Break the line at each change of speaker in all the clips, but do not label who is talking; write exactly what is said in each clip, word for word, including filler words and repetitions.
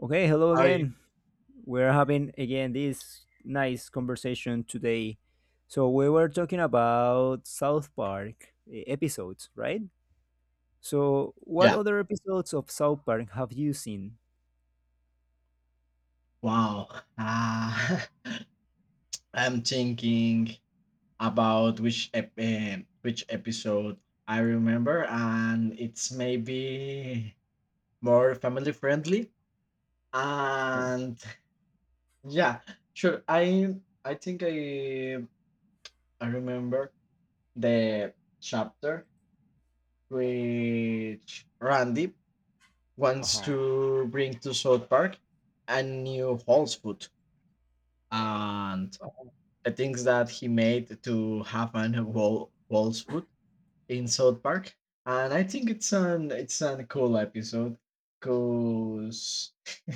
Okay, hello
I
again. We're having again this nice conversation today. So we were talking about South Park, eh, episodes, right? So what
Yeah.
other episodes of South Park have you seen?
Wow. Uh, I'm thinking about which ep- um, which episode I remember, and it's maybe more family friendly.
Oh,
And yeah, sure. I I think I I remember the chapter which Randy wants
uh-huh.
to bring to South Park a new Hall's food, and the things that he made to have an wall Wolf's foot in South Park. And I think it's an it's an cool episode because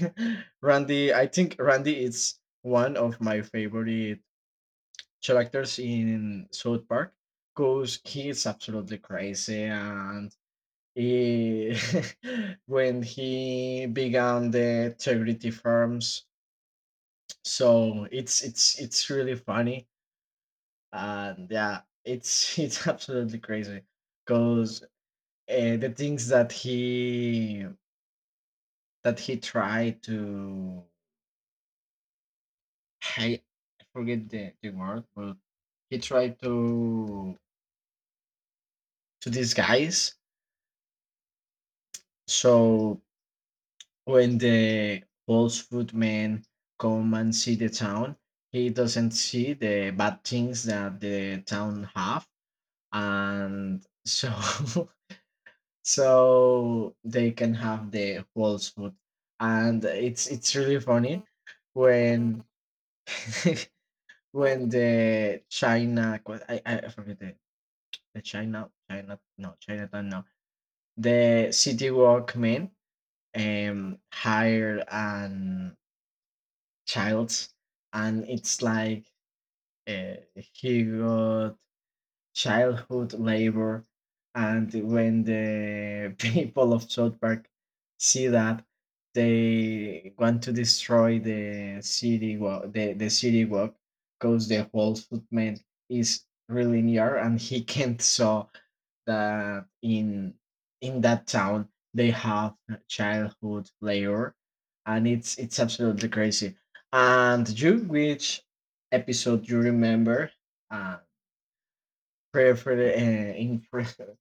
Randy I think Randy is one of my favorite characters in South Park because he is absolutely crazy and he, when he began the integrity firms, so it's it's it's really funny. And yeah, it's it's absolutely crazy because uh, the things that he that he tried to, I I forget the, the word, but he tried to to disguise. So when the false food men come and see the town, he doesn't see the bad things that the town have, and so so they can have the whole food. And it's it's really funny when when the china, i i forget the, the china china, no, chinatown, no, the city walk men um hired an child. And it's like, uh, he got childhood labor. And when the people of South Park see that, they want to destroy the city. Well, the, the city walk, because the whole footman is really near and he can't saw that in in that town they have childhood labor. And it's it's absolutely crazy. And you, which episode you remember, uh, prefer uh, in pre-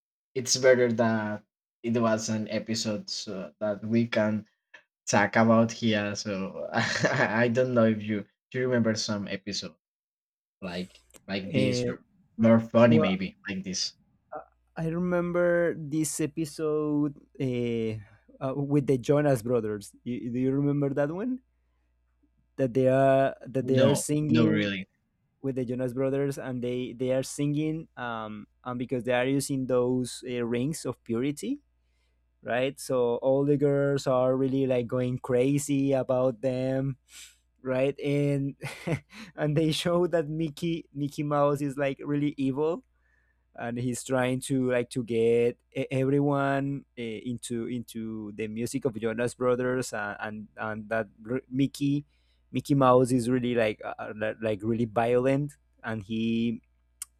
it's better that it was an episode so that we can talk about here, so I don't know, if you do you remember some episode like like this,
Eh,
or more funny
well,
maybe like this?
I remember this episode eh, uh, with the Jonas Brothers. Y- do you remember that one? That they are that they are
No, no
singing
really.
with the Jonas Brothers, and they they are singing, um, and because they are using those uh, rings of purity, right? So all the girls are really like going crazy about them, right? And and they show that Mickey Mickey Mouse is like really evil, and he's trying to like to get e- everyone uh, into into the music of Jonas Brothers, and and, and that r- Mickey Mickey Mouse is really like uh, uh, like really violent, and he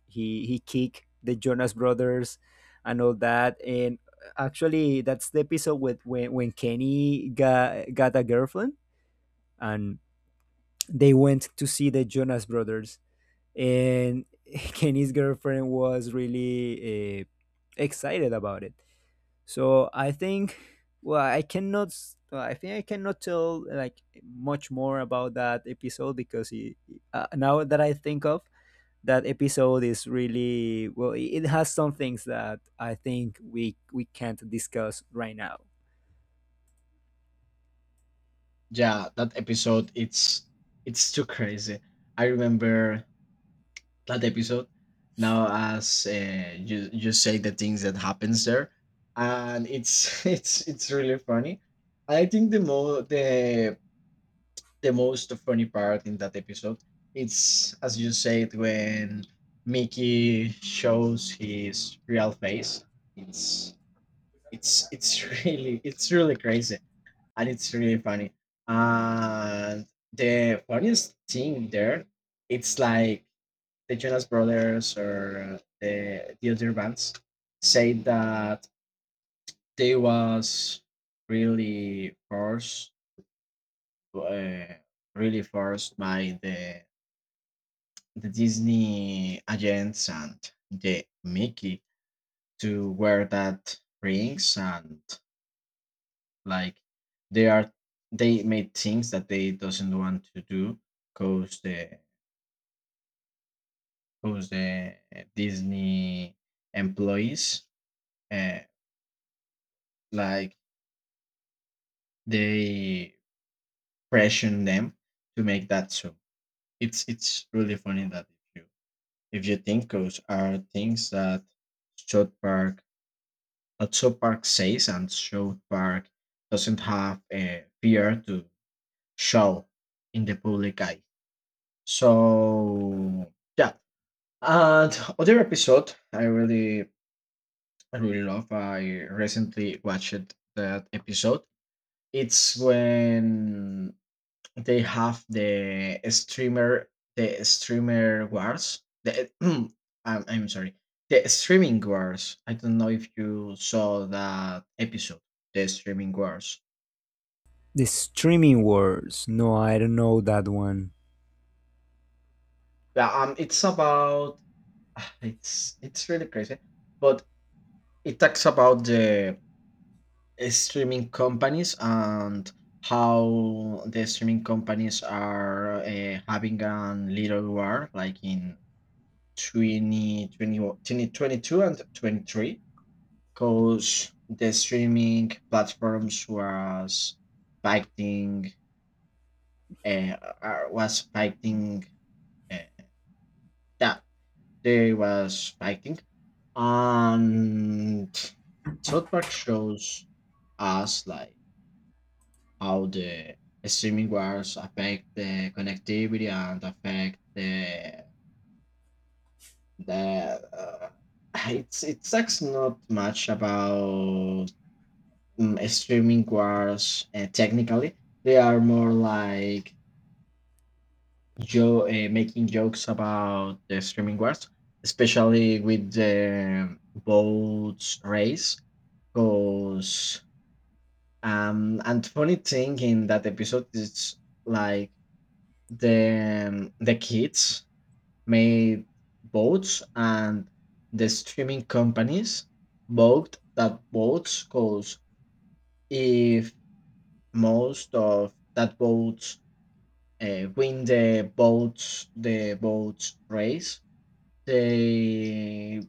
he he kicked the Jonas Brothers and all that. And actually, that's the episode with when when Kenny got got a girlfriend and they went to see the Jonas Brothers, and Kenny's girlfriend was really uh, excited about it. So I think, well, I cannot, s- well, I think I cannot tell like much more about that episode because it, uh, now that I think of, that episode is really, well, it it has some things that I think we we can't discuss right now.
Yeah, that episode, it's it's too crazy. I remember that episode. Now, as uh, you you say the things that happens there, and it's it's it's really funny. I think the mo the the most funny part in that episode, it's as you said, when Mickey shows his real face. It's it's it's really, it's really crazy and it's really funny. And the funniest thing there, it's like the Jonas Brothers, or uh, the the other bands say that they was really forced, uh, really forced by the the Disney agents and the Mickey, to wear that rings. And like, they are, they made things that they doesn't want to do, cause the cause the Disney employees, uh, like, they pressure them to make that. So it's it's really funny that if you if you think, those are things that South Park that South Park says, and South Park doesn't have a fear to show in the public eye. So yeah. And other episode I really I really love. I recently watched that episode. It's when they have the streamer the streamer wars, the I'm, I'm sorry, the streaming wars. I don't know if you saw that episode, the streaming wars.
The streaming wars? No, I don't know that one.
Yeah, um it's about, it's it's really crazy, but it talks about the streaming companies, and how the streaming companies are, uh, having a little war like in twenty, twenty-one, twenty, twenty-two and twenty-three, because the streaming platforms was fighting, uh, uh, was fighting, uh, that they was fighting. And South Park shows us like how the streaming wars affect the connectivity and affect the the uh, it's it sucks not much about, mm, streaming wars, uh, technically. They are more like jo- uh, making jokes about the streaming wars, especially with the boats race, because um and funny thing in that episode is like, the um, the kids made boats, and the streaming companies bought that boats, because if most of that boats, uh, win the boats the boats race, they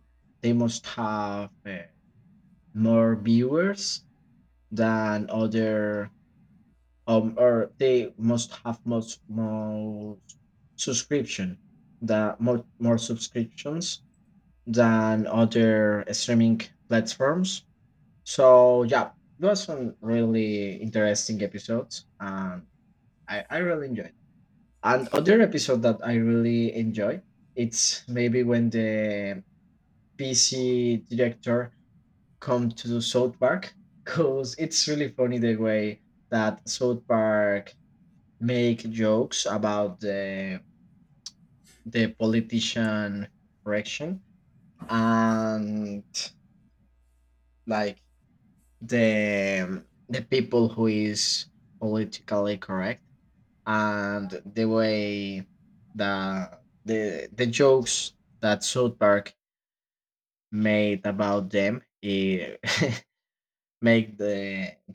they must have, uh, more viewers than other, um or they must have most more subscription, that more, more subscriptions than other streaming platforms. So yeah, it was some really interesting episodes, and i, I really enjoyed it. And other episode that I really enjoy, it's maybe when the P C director come to South Park, because it's really funny the way that South Park make jokes about the the politician correction, and like, the the people who is politically correct, and the way the the the jokes that South Park made about them, eh, make the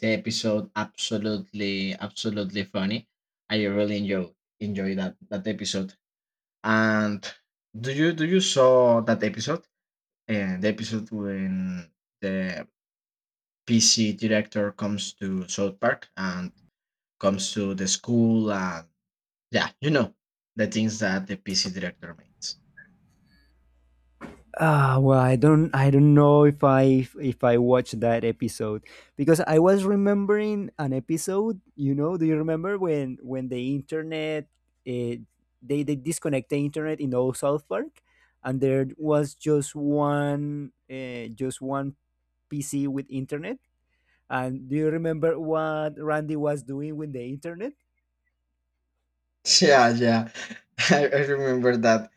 the episode absolutely absolutely funny. I really enjoy enjoy that that episode. And do you do you saw that episode? And the episode when the P C director comes to South Park and comes to the school, and yeah, you know the things that the P C director makes.
Ah, well, i don't i don't know if i if i watched that episode because I was remembering an episode, you know do you remember when when the internet, eh, they they disconnect the internet in old South Park, and there was just one, uh, just one PC with internet. And do you remember what Randy was doing with the internet?
Yeah, yeah. I, I remember that.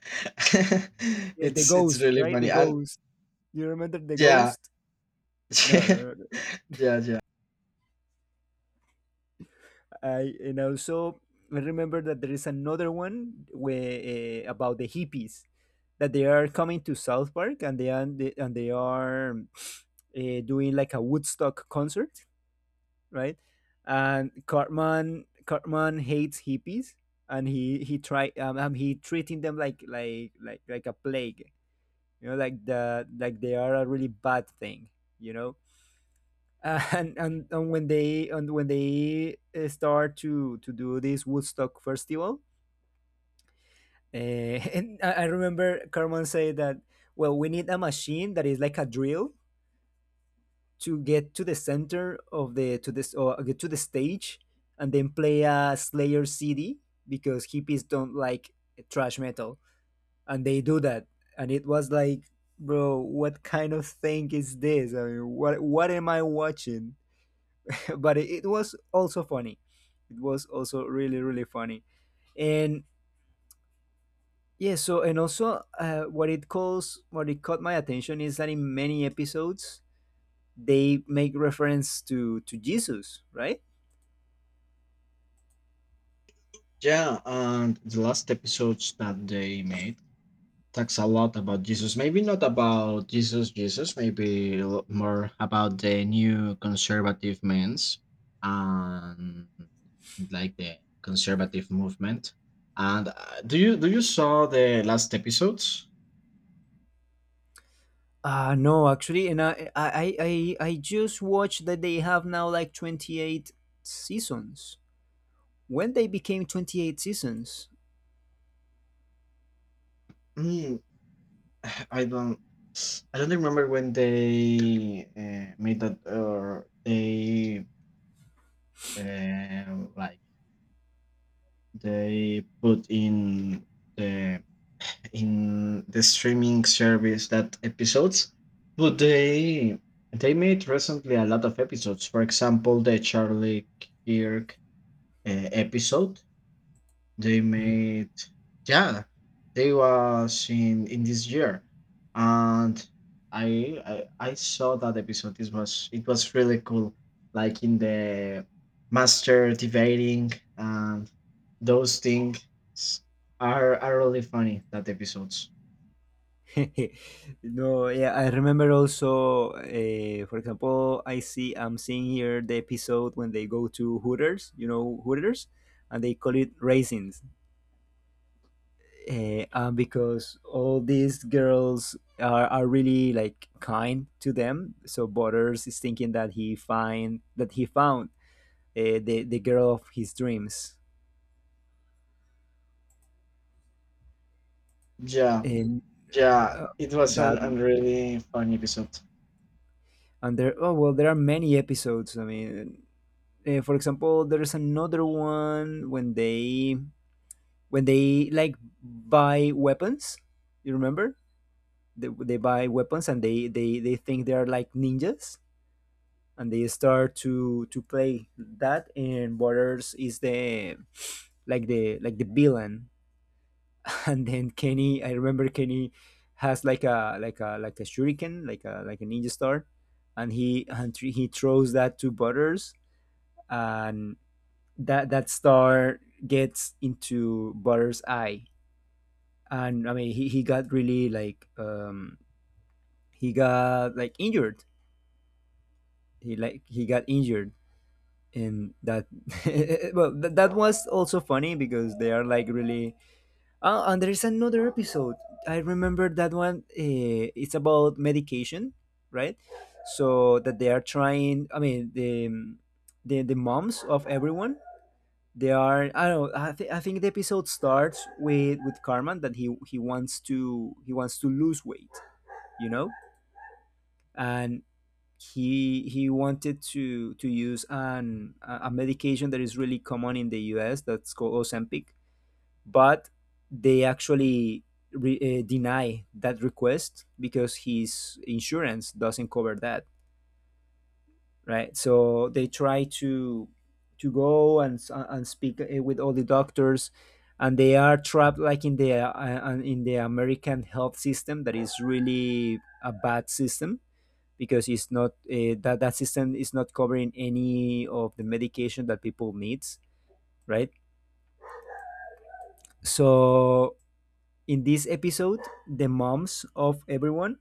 Yeah, the
It's it's
ghost,
really
right? The
funny. And
ghost. Do you remember the
yeah,
ghost? No, no,
yeah,
no. no.
yeah, yeah.
I and also I remember that there is another one where, uh, about the hippies, that they are coming to South Park, and they are and they are, uh, doing like a Woodstock concert, right? And Cartman Cartman hates hippies, and he he try, um, um he treating them like like like like a plague, you know like the, like they are a really bad thing, you know. Uh, and, and and when they, and when they, uh, start to to do this Woodstock festival, uh, and i I remember Carmen say that, well, we need a machine that is like a drill to get to the center of the, to this, or get to the stage, and then play a Slayer CD because hippies don't like trash metal, and they do that. And it was like, bro, what kind of thing is this? I mean, what what am I watching? But it, it was also funny. It was also really, really funny. And yeah, so, and also, uh, what it calls, what it caught my attention is that in many episodes they make reference to to Jesus, right?
Yeah, and the last episodes that they made talks a lot about Jesus. Maybe not about Jesus, Jesus, maybe a lot more about the new conservative men's, and like the conservative movement. And uh, do you do you saw the last episodes?
Uh no, actually, and i i i, I I just watched that they have now like twenty-eight seasons. When they became twenty-eight seasons.
I don't I don't remember when they, uh, made that, or they, um like, they put in the in the streaming service that episodes, but they they made recently a lot of episodes. For example, the Charlie Kirk uh, episode. They
Mm.
made, yeah, they was in in this year, and I I, I saw that episode. It was it was really cool, like in the master debating, and those things are are really funny. That episodes.
No, yeah, I remember also, uh, for example, I see, I'm seeing here the episode when they go to Hooters, you know, Hooters, and they call it raisins. Uh, and because all these girls are, are really like kind to them, so Butters is thinking that he find that he found, uh, the the girl of his dreams,
Yeah,
and
yeah,
uh,
it was an,
that.
an really funny episode.
And there. Oh, well, there are many episodes, I mean. Uh, for example, there's another one when they when they like buy weapons. You remember? They, they buy weapons, and they, they they think they are like ninjas, and they start to to play that. And Butters is the like the like the villain. And then Kenny, I remember Kenny has like a, like a like a shuriken, like a, like a ninja star, and he and he throws that to Butters, and that that star gets into Butter's eye. And I mean, he, he got really like, um he got like injured. He like he got injured, and that, well, th- that was also funny because they are like really. Oh, and there is another episode. I remember that one. Uh, it's about medication, right? So that they are trying, I mean, the the the moms of everyone, they are, I don't know I, th- I think the episode starts with with Carmen, that he he wants to he wants to lose weight, you know. And he he wanted to to use an a a medication that is really common in the US, that's called Ozempic. But they actually, re- uh, deny that request because his insurance doesn't cover that, right? So they try to to go and and speak, uh, with all the doctors, and they are trapped like in the uh, uh, in the American health system that is really a bad system because it's not, uh, that that system is not covering any of the medication that people needs, right? So in this episode, the moms of everyone,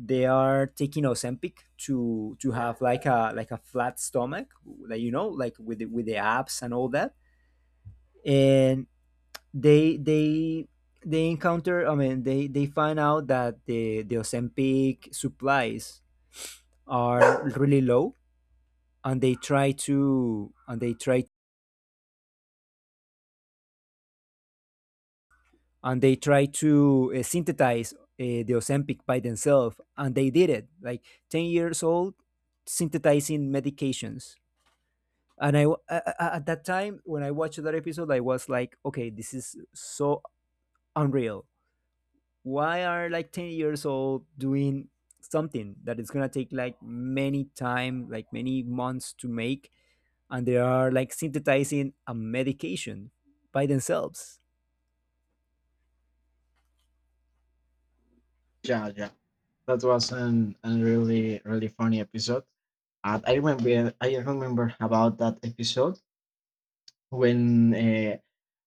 they are taking Ozempic to to have like a, like a flat stomach, like, you know, like with the, with the abs and all that. And they they they encounter. I mean, they they find out that the the Ozempic supplies are really low, and they try to, and they try and they try to, uh, synthesize, uh, the Ozempic by themselves, and they did it. Like ten years old, synthesizing medications, and I, w- a- a- at that time when I watched that episode, I was like, okay, this is so unreal. Why are like ten years old doing something that is gonna take like many time, like many months to make, and they are like synthesizing a medication by themselves.
Yeah, yeah, that was an, an really really funny episode. And I remember I remember about that episode, when uh,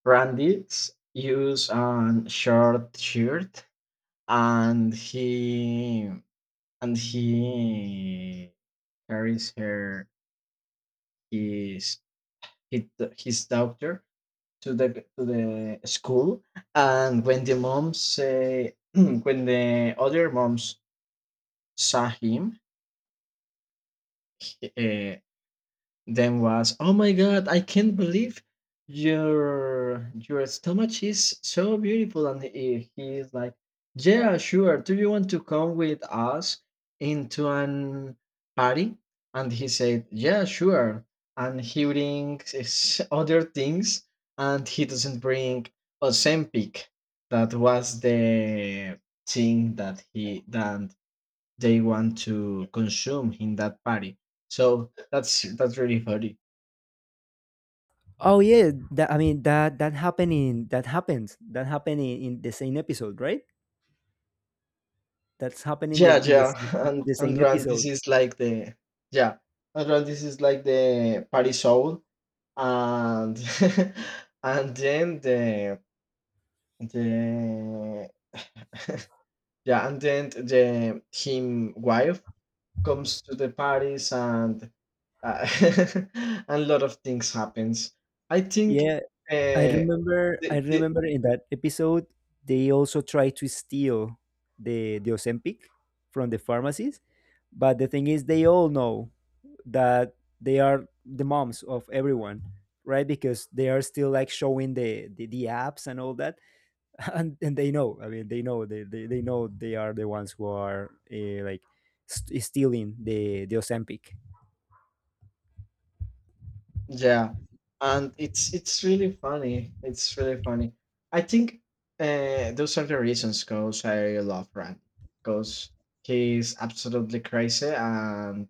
Randy's used a short shirt, and he and he carries her his his, his daughter to the to the school. And when the moms say when the other moms saw him, uh, then was, "Oh my god, I can't believe your your stomach is so beautiful." And he, he is like, "Yeah, sure. Do you want to come with us into an party?" And he said, "Yeah, sure." And he brings his other things, and he doesn't bring Ozempic. That was the thing that he that they want to consume in that party. So that's that's really funny.
Oh yeah, that, I mean, that that happened in that happened that happened in, in the same episode, right? That's happening in
Yeah,
the in the,
yeah,
s-
and
in the
and
same
run, this
episode.
is like the, yeah, and run, this is like the party soul, and and then the the yeah, and then the him wife comes to the parties, and uh, and a lot of things happens. I think
Yeah, I
uh,
remember I
the, the
remember in that episode they also try to steal the the Ozempic from the pharmacies, but the thing is they all know that they are the moms of everyone, right? Because they are still like showing the, the, the apps and all that, and, and they know. I mean, they know, they, they, they know they are the ones who are, uh, like, st- stealing the the Ozempic.
yeah, and it's it's really funny. It's really funny. I think uh, those are the reasons, cause I love Randy, because he's absolutely crazy, and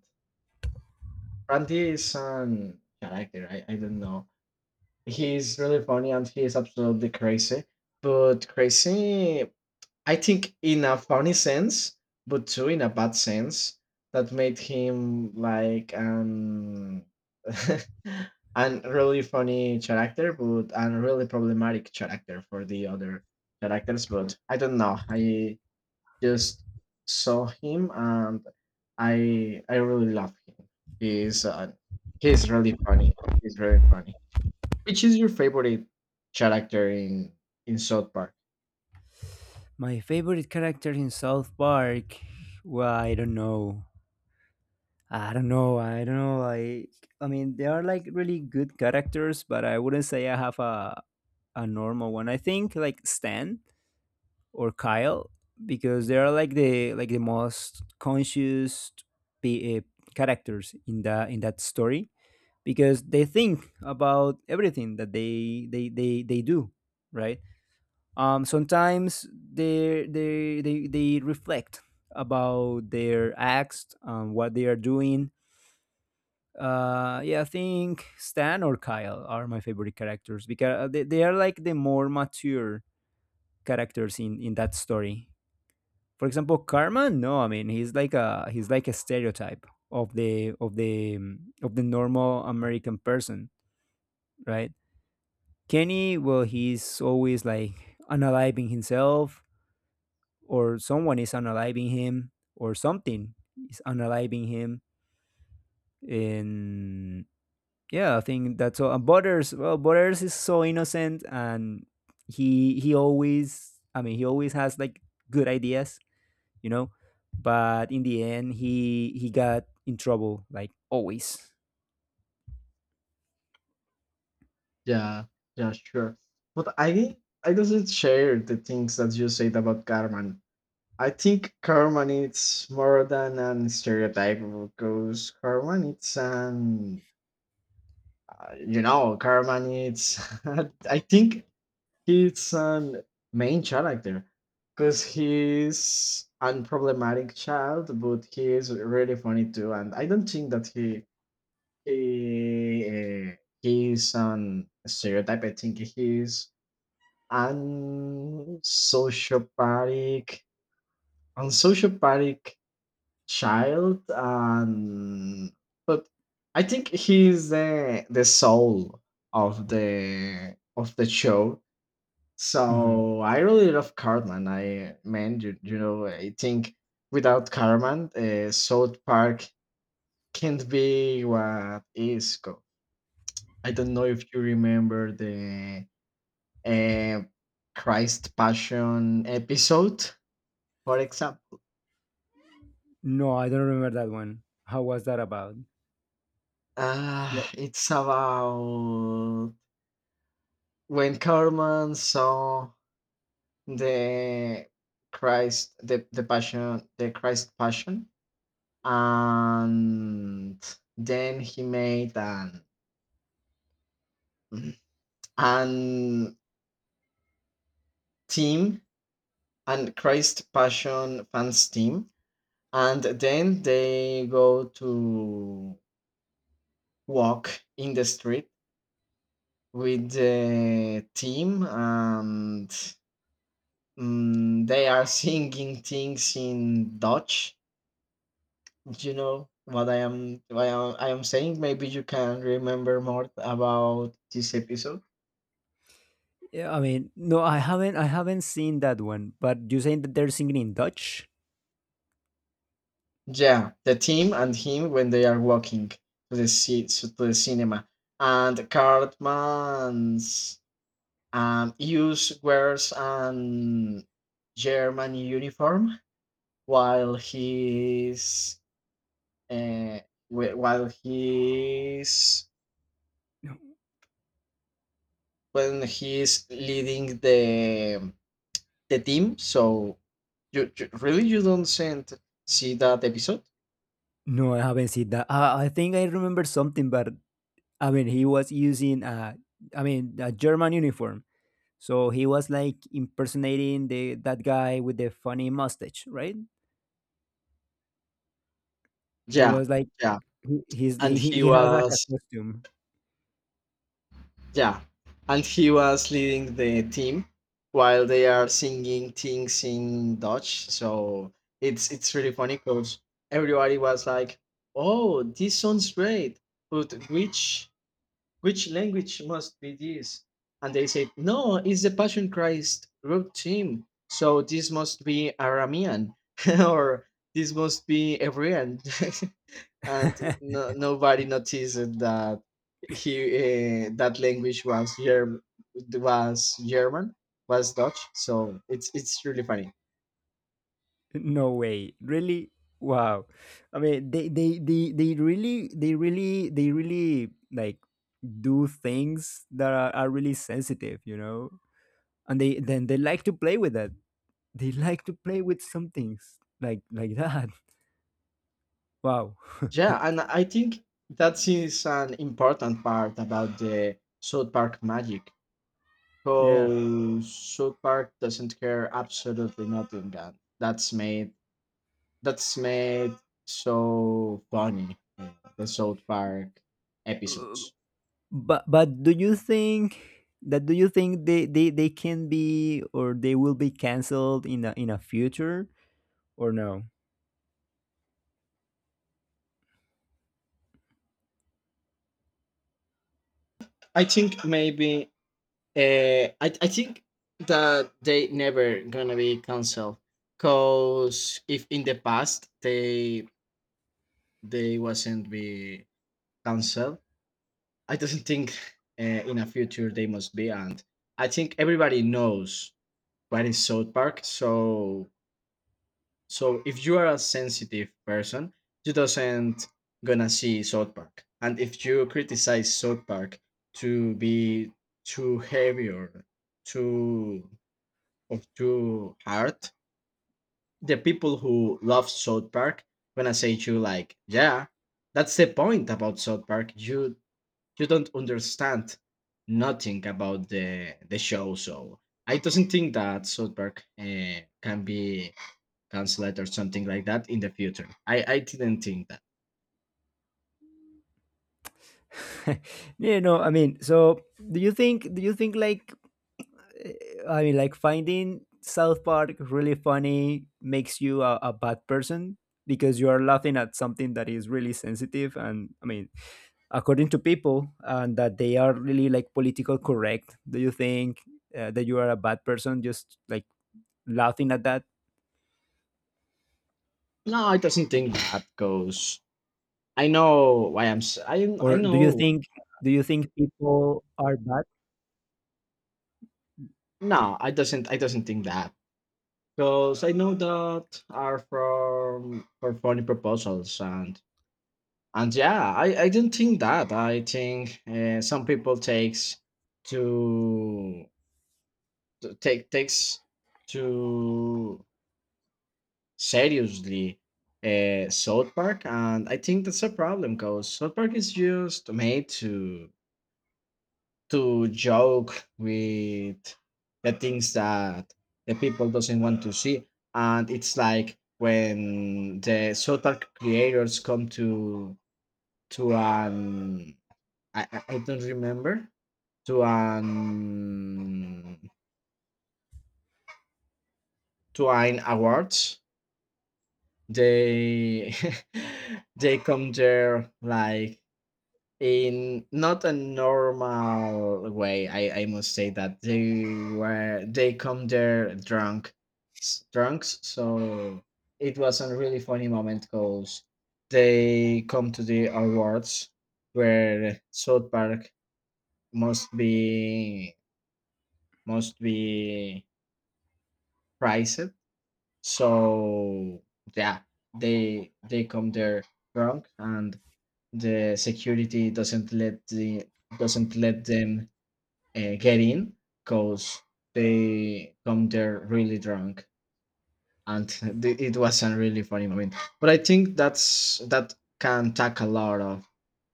Randy is an character. I, I don't know. He's really funny and he's absolutely crazy. But crazy I think in a funny sense, but too in a bad sense, that made him like an an really funny character, but and really problematic character for the other characters. But I don't know. I just saw him, and I I really love him. He's uh, he's really funny. He's really funny. Which is your favorite character in in South Park?
My favorite character in South Park, well, I don't know. I don't know. I don't know. Like, I mean, they are like really good characters, but I wouldn't say I have a a normal one. I think like Stan or Kyle because they are like the, like the most conscious, be, uh, characters in the, in that story, because they think about everything that they they they they do, right? Um, sometimes they they they they reflect about their acts, um, what they are doing. Uh yeah, I think Stan or Kyle are my favorite characters because they, they are like the more mature characters in in that story. For example, karma no, I mean, he's like a, he's like a stereotype of the, of the um, of the normal American person, right? Kenny, well, he's always like analyzing himself, or someone is analyzing him, or something is analyzing him. And yeah, I think that's all. And Butters, well, Butters is so innocent, and he he always, I mean, he always has like good ideas, you know, but in the end, he he got in trouble, like always.
Yeah, yeah, sure. But I I doesn't share the things that you said about Carmen. I think Carmen it's more than an stereotype, because Carmen it's an, uh, you know, Carmen it's, I think he's an main character, because he's an problematic child, but he is really funny too. And I don't think that he he uh, he's an stereotype. I think he's I sociopathic. I sociopathic child, and, but I think he's the the soul of the of the show.
Hmm.
So I really love Cartman. I man, you, you know, I think without Cartman, uh, South Park can't be what is. co- I don't know if you remember the, uh, Christ Passion episode. For example,
No, I don't remember that one. How was that about? What?
uh, it's about when Carmen saw the Christ, the, the passion, the Christ passion, and then he made an an team, an Christ passion fans team, and then they go to walk in the street with the team, and Mm, they are singing things in Dutch. You know what I am what I am, I am saying. Maybe you can remember more about this episode.
Yeah, I mean, no, i haven't i haven't seen that one, but you saying that they're singing in Dutch.
Yeah, the team and him when they are walking to the ci- to the cinema, and Cartman's um use wears an German uniform while he's uh, wh- while he's when he's leading the the team. So you, you really, you don't send see that episode?
No, I haven't seen that, i, I think I remember something, but I mean, he was using a, I mean, a German uniform. So he was like impersonating the that guy with the funny mustache, right? He
Yeah,
was like,
yeah.
he he's, he
And
he
he
he has like a
was,
costume.
yeah, and he was leading the team while they are singing things in Dutch. So it's it's really funny, because everybody was like, "Oh, this sounds great," but which which language must be this? And they said, no, it's the Passion Christ group team. So this must be Aramean, or this must be Hebrean. And no, nobody noticed that he uh, that language was Germ- was German, was Dutch. So it's it's really funny.
No way, really? Wow. I mean, they they they they really, they really they really like do things that are, are really sensitive, you know. And they then they like to play with that. They like to play with some things like like that. Wow.
Yeah, and I think that is an important part about the South Park magic.
Yeah.
So South Park doesn't care absolutely nothing that that's made that's made so funny uh, the South Park
Uh,
episodes.
But but do you think that, do you think they, they, they can be, or they will be, canceled in a, in a future, or no?
I think maybe uh, I I think that they never gonna be canceled because if in the past they they wasn't be canceled, I don't think uh, in a future they must be, and I think everybody knows what is South Park so. So if you are a sensitive person, you doesn't gonna see South Park. And if you criticize South Park to be too heavy or too or too hard, the people who love South Park gonna say to you like, yeah, that's the point about South Park. You you don't understand nothing about the the show. So I doesn't think that South Park uh, can be cancel it or something like that in the future. I, I didn't think that.
Yeah, no, I mean, so, do you think do you think, like, I mean, like finding South Park really funny makes you a, a bad person because you are laughing at something that is really sensitive? And I mean, according to people and that they are really like political correct, do you think, uh, that you are a bad person just like laughing at that?
No, I doesn't think that because I know why I'm s- I I
Or do you
know.
think do you think people are bad?
No I doesn't I doesn't think that because I know that are from for funny proposals, and and yeah, I I didn't think that. I think uh, some people takes to to take takes to seriously uh, South Park, and I think that's a problem because South Park is just made to to joke with the things that the people doesn't want to see, and it's like when the South Park creators come to to an I, I I don't remember to an to an awards they they come there like. In not a normal way, I, I must say that they were they come there drunk, s- drunks. So it was a really funny moment because they come to the awards where South Park must be must be prized. So yeah, they they come there drunk, and the security doesn't let the doesn't let them uh, get in because they come there really drunk. And th- it was a really funny moment, but I think that's that can tackle a lot of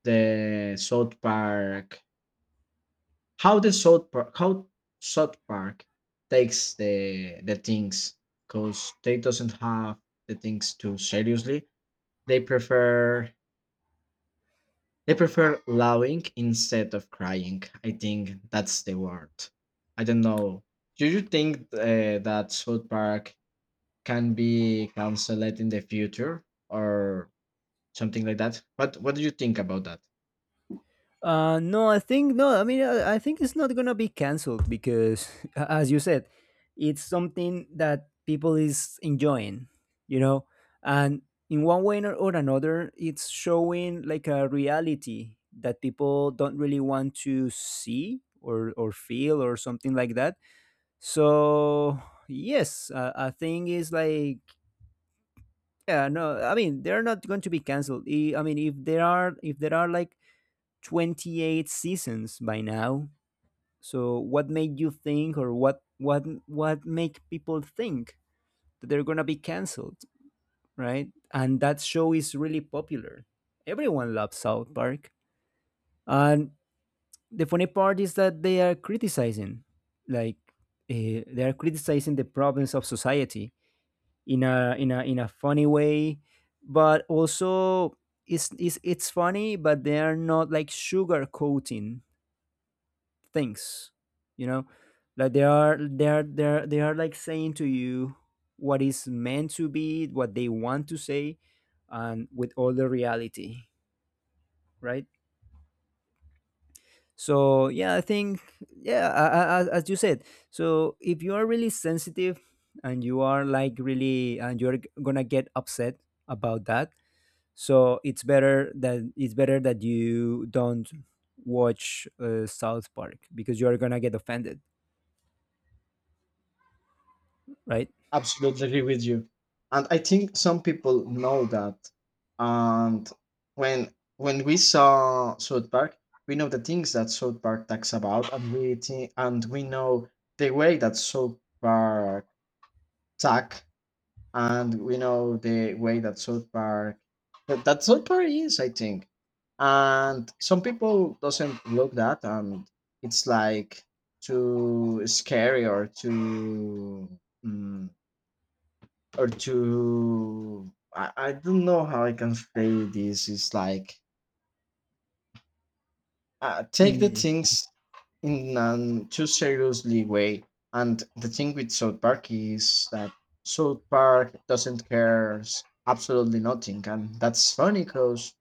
the South Park, how the South Park, how South Park takes the the things because they doesn't have the things too seriously. They prefer. They prefer lowing instead of crying. I think that's the word. I don't know. Do you think uh, that South Park can be cancelled in the future, or something like that? What What do you think about that?
Uh, no, I think no. I mean, I, I think it's not gonna be canceled because, a- as you said, it's something that people is enjoying, you know, and in one way or, or another, it's showing like a reality that people don't really want to see or or feel or something like that. So yes, uh, I think it's like, yeah, no, I mean, they're not going to be canceled. I I mean, if there are, if there are like twenty-eight seasons by now. So what made you think, or what what what make people think that they're going to be canceled, right? And that show is really popular. Everyone loves South Park. And the funny part is that they are criticizing, like uh, they are criticizing the problems of society in a, in a in a funny way, but also, it's it's, it's funny, but they are not like sugarcoating things, you know like they are they are they are they are like saying to you what is meant to be what they want to say, and with all the reality, right? So yeah, I think, yeah, a- a- a- as you said, so if you are really sensitive, and you are like really, and you're g- gonna get upset about that, so it's better that it's better that you don't watch, uh, South Park, because you're gonna get offended, right?
Absolutely agree with you, and I think some people know that. And when when we saw South Park, we know the things that South Park talks about, and we think and we know the way that South Park talk, and we know the way that South Park that, that South Park is, I think. And some people doesn't look that, and it's like too scary or too mm, or to I, I don't know how I can say this. It's like uh, take the
Mm.
things in an too seriously way. And the thing with South Park is that South Park doesn't care absolutely nothing, and that's funny because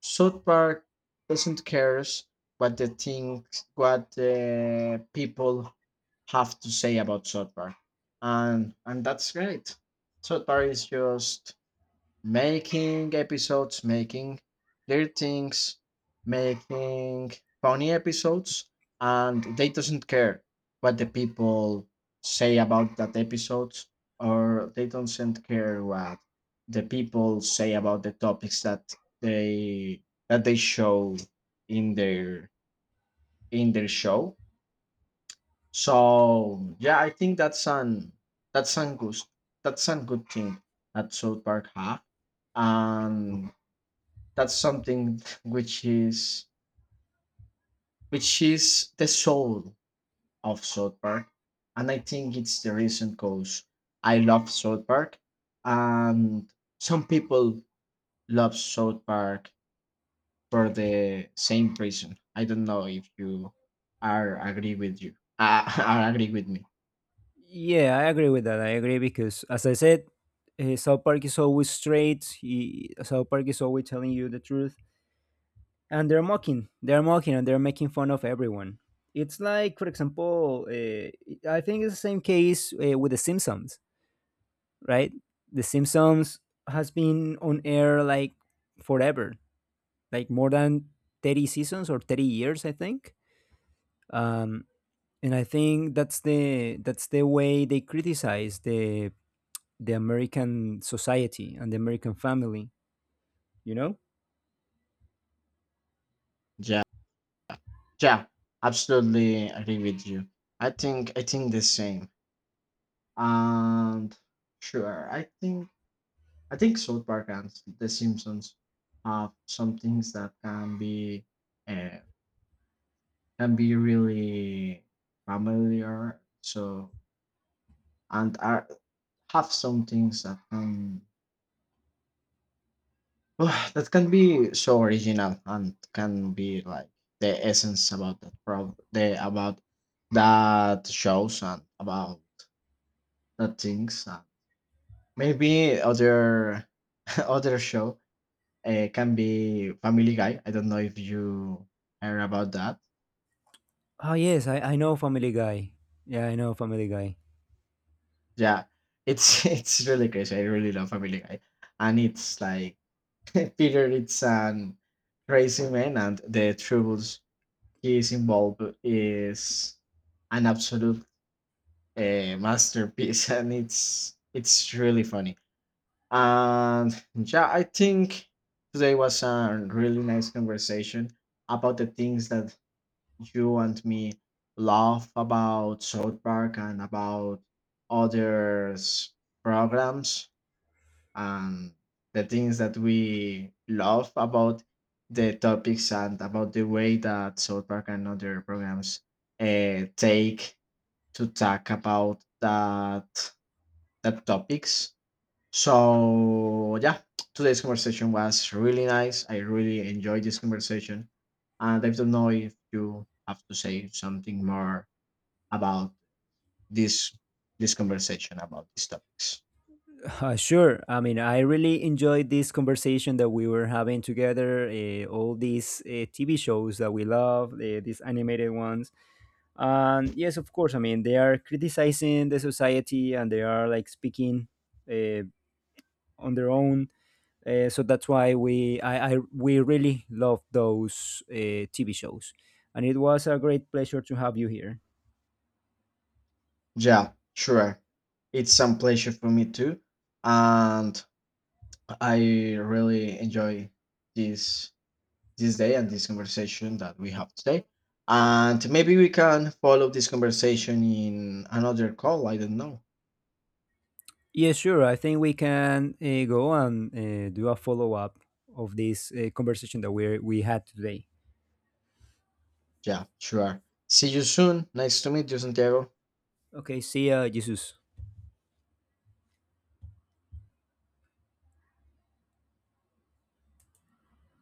South Park doesn't cares what the things what the people have to say about South Park, and and that's great. South Park is just making episodes, making their things, making funny episodes, and they doesn't care what the people say about that episodes, or they doesn't care what the people say about the topics that they that they show in their in their show. So yeah, I think that's an that's an good that's an good thing that South Park have, and that's something which is which is the soul of South Park, and I think it's the reason because I love South Park, and some people love South Park for the same reason. I don't know if you are agree with you. Uh, are agree with me?
Yeah, I agree with that. I agree because, as I said, uh, South Park is always straight. He, South Park is always telling you the truth, and They're mocking They're mocking and they're making fun of everyone. It's like, for example, uh, I think it's the same case, uh, with The Simpsons, right? The Simpsons has been on air like forever, like more than thirty seasons or thirty years, I think. Um, and I think that's the that's the way they criticize the the American society and the American family, you know?
Yeah, yeah, absolutely agree with you. I think I think the same. And sure, I think I think South Park and The Simpsons have some things that can be uh, can be really familiar. So and are have some things that can that can be so original and can be like the essence about that pro the about that shows and about that things, and maybe other other show uh, can be Family Guy. I don't know if you heard about that.
Oh, yes, I, I know Family Guy. Yeah, I know Family Guy.
Yeah, it's it's really crazy. I really love Family Guy, and it's like Peter, it's an crazy man, and the troubles he is involved is an absolute uh, masterpiece, and it's it's really funny. And yeah, I think today was a really nice conversation about the things that you and me laugh about South Park and about others programs and the things that we love about the topics and about the way that South Park and other programs uh, take to talk about that that topics. So yeah, today's conversation was really nice. I really enjoyed this conversation, and I don't know if you have to say something more about this this conversation about these topics.
Uh, sure, I mean, I really enjoyed this conversation that we were having together, uh, all these uh, T V shows that we love, uh, these animated ones. And yes, of course, I mean, they are criticizing the society, and they are like speaking, uh, on their own. Uh, so that's why we, I, I we really love those, uh, T V shows, and it was a great pleasure to have you here.
Yeah, sure. It's a pleasure for me too, and I really enjoy this this day and this conversation that we have today. And maybe we can follow this conversation in another call. I don't know.
Yeah, sure. I think we can, uh, go and, uh, do a follow up of this, uh, conversation that we we had today.
Yeah, sure. See you soon. Nice to meet you, Santiago.
Okay, see ya, Jesus.